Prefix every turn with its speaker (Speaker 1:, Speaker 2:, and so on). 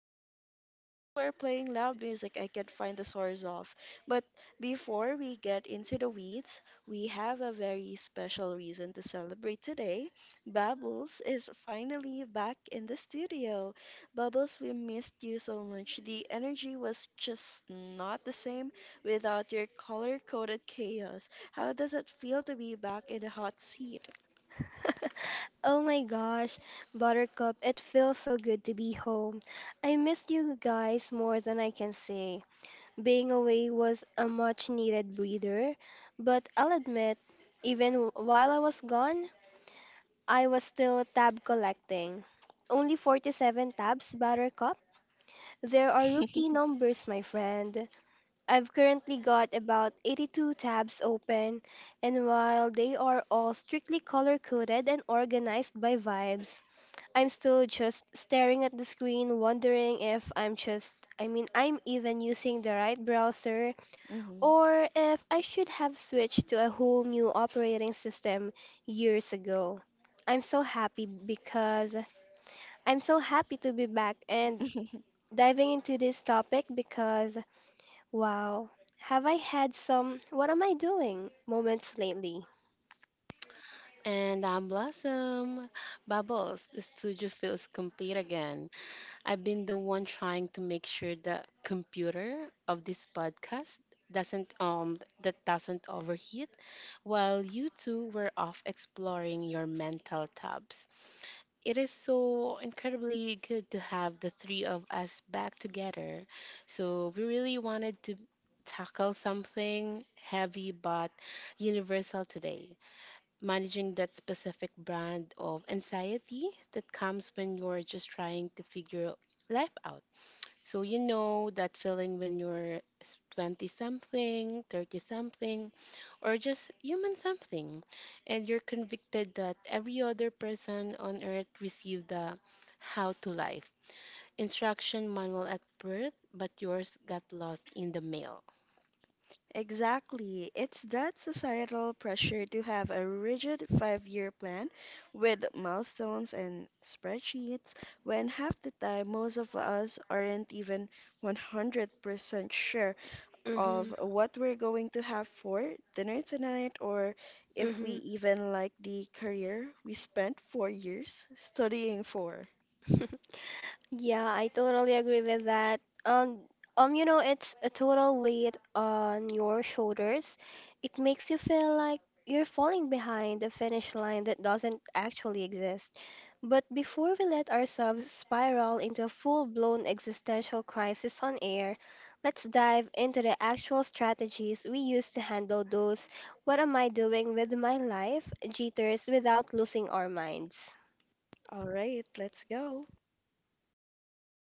Speaker 1: and two are playing loud music I can't find the source of. But before we get into the weeds, we have a very special reason to celebrate today. Bubbles is finally back in the studio. Bubbles, we missed you so much. The energy was just not the same without your color coded chaos. How does it feel to be back in the hot seat?
Speaker 2: Oh my gosh, Buttercup, it feels so good to be home. I missed you guys more than I can say. Being away was a much needed breather, but I'll admit, even while I was gone, I was still tab collecting. Only 47 tabs, Buttercup? There are rookie numbers, my friend. I've currently got about 82 tabs open, and while they are all strictly color coded and organized by vibes, I'm still just staring at the screen, wondering if I mean, I'm even using the right browser,
Speaker 1: Mm-hmm.
Speaker 2: or if I should have switched to a whole new operating system years ago. I'm so happy because I'm so happy to be back and diving into this topic because, wow, have I had some, what am I doing moments lately?
Speaker 3: And I'm Blossom. Bubbles, the studio feels complete again. I've been the one trying to make sure the computer of this podcast doesn't overheat while you two were off exploring your mental tubs. It is so incredibly good to have the three of us back together. So we really wanted to tackle something heavy but universal today, managing that specific brand of anxiety that comes when you're just trying to figure life out. So, you know that feeling when you're 20 something, 30 something, or just human something, and you're convicted that every other person on earth received the how to life instruction manual at birth, but yours got lost in the mail.
Speaker 1: Exactly. It's that societal pressure to have a rigid five-year plan with milestones and spreadsheets when half the time most of us aren't even 100% sure
Speaker 2: Mm-hmm,
Speaker 1: of what we're going to have for dinner tonight, or if we
Speaker 2: mm-hmm.
Speaker 1: even like the career we spent 4 years studying for.
Speaker 2: Yeah, I totally agree with that. It's a total weight on your shoulders. It makes you feel like you're falling behind a finish line that doesn't actually exist. But before we let ourselves spiral into a full-blown existential crisis on air, let's dive into the actual strategies we use to handle those "what am I doing with my life" jitters without losing our minds.
Speaker 1: All right, let's go.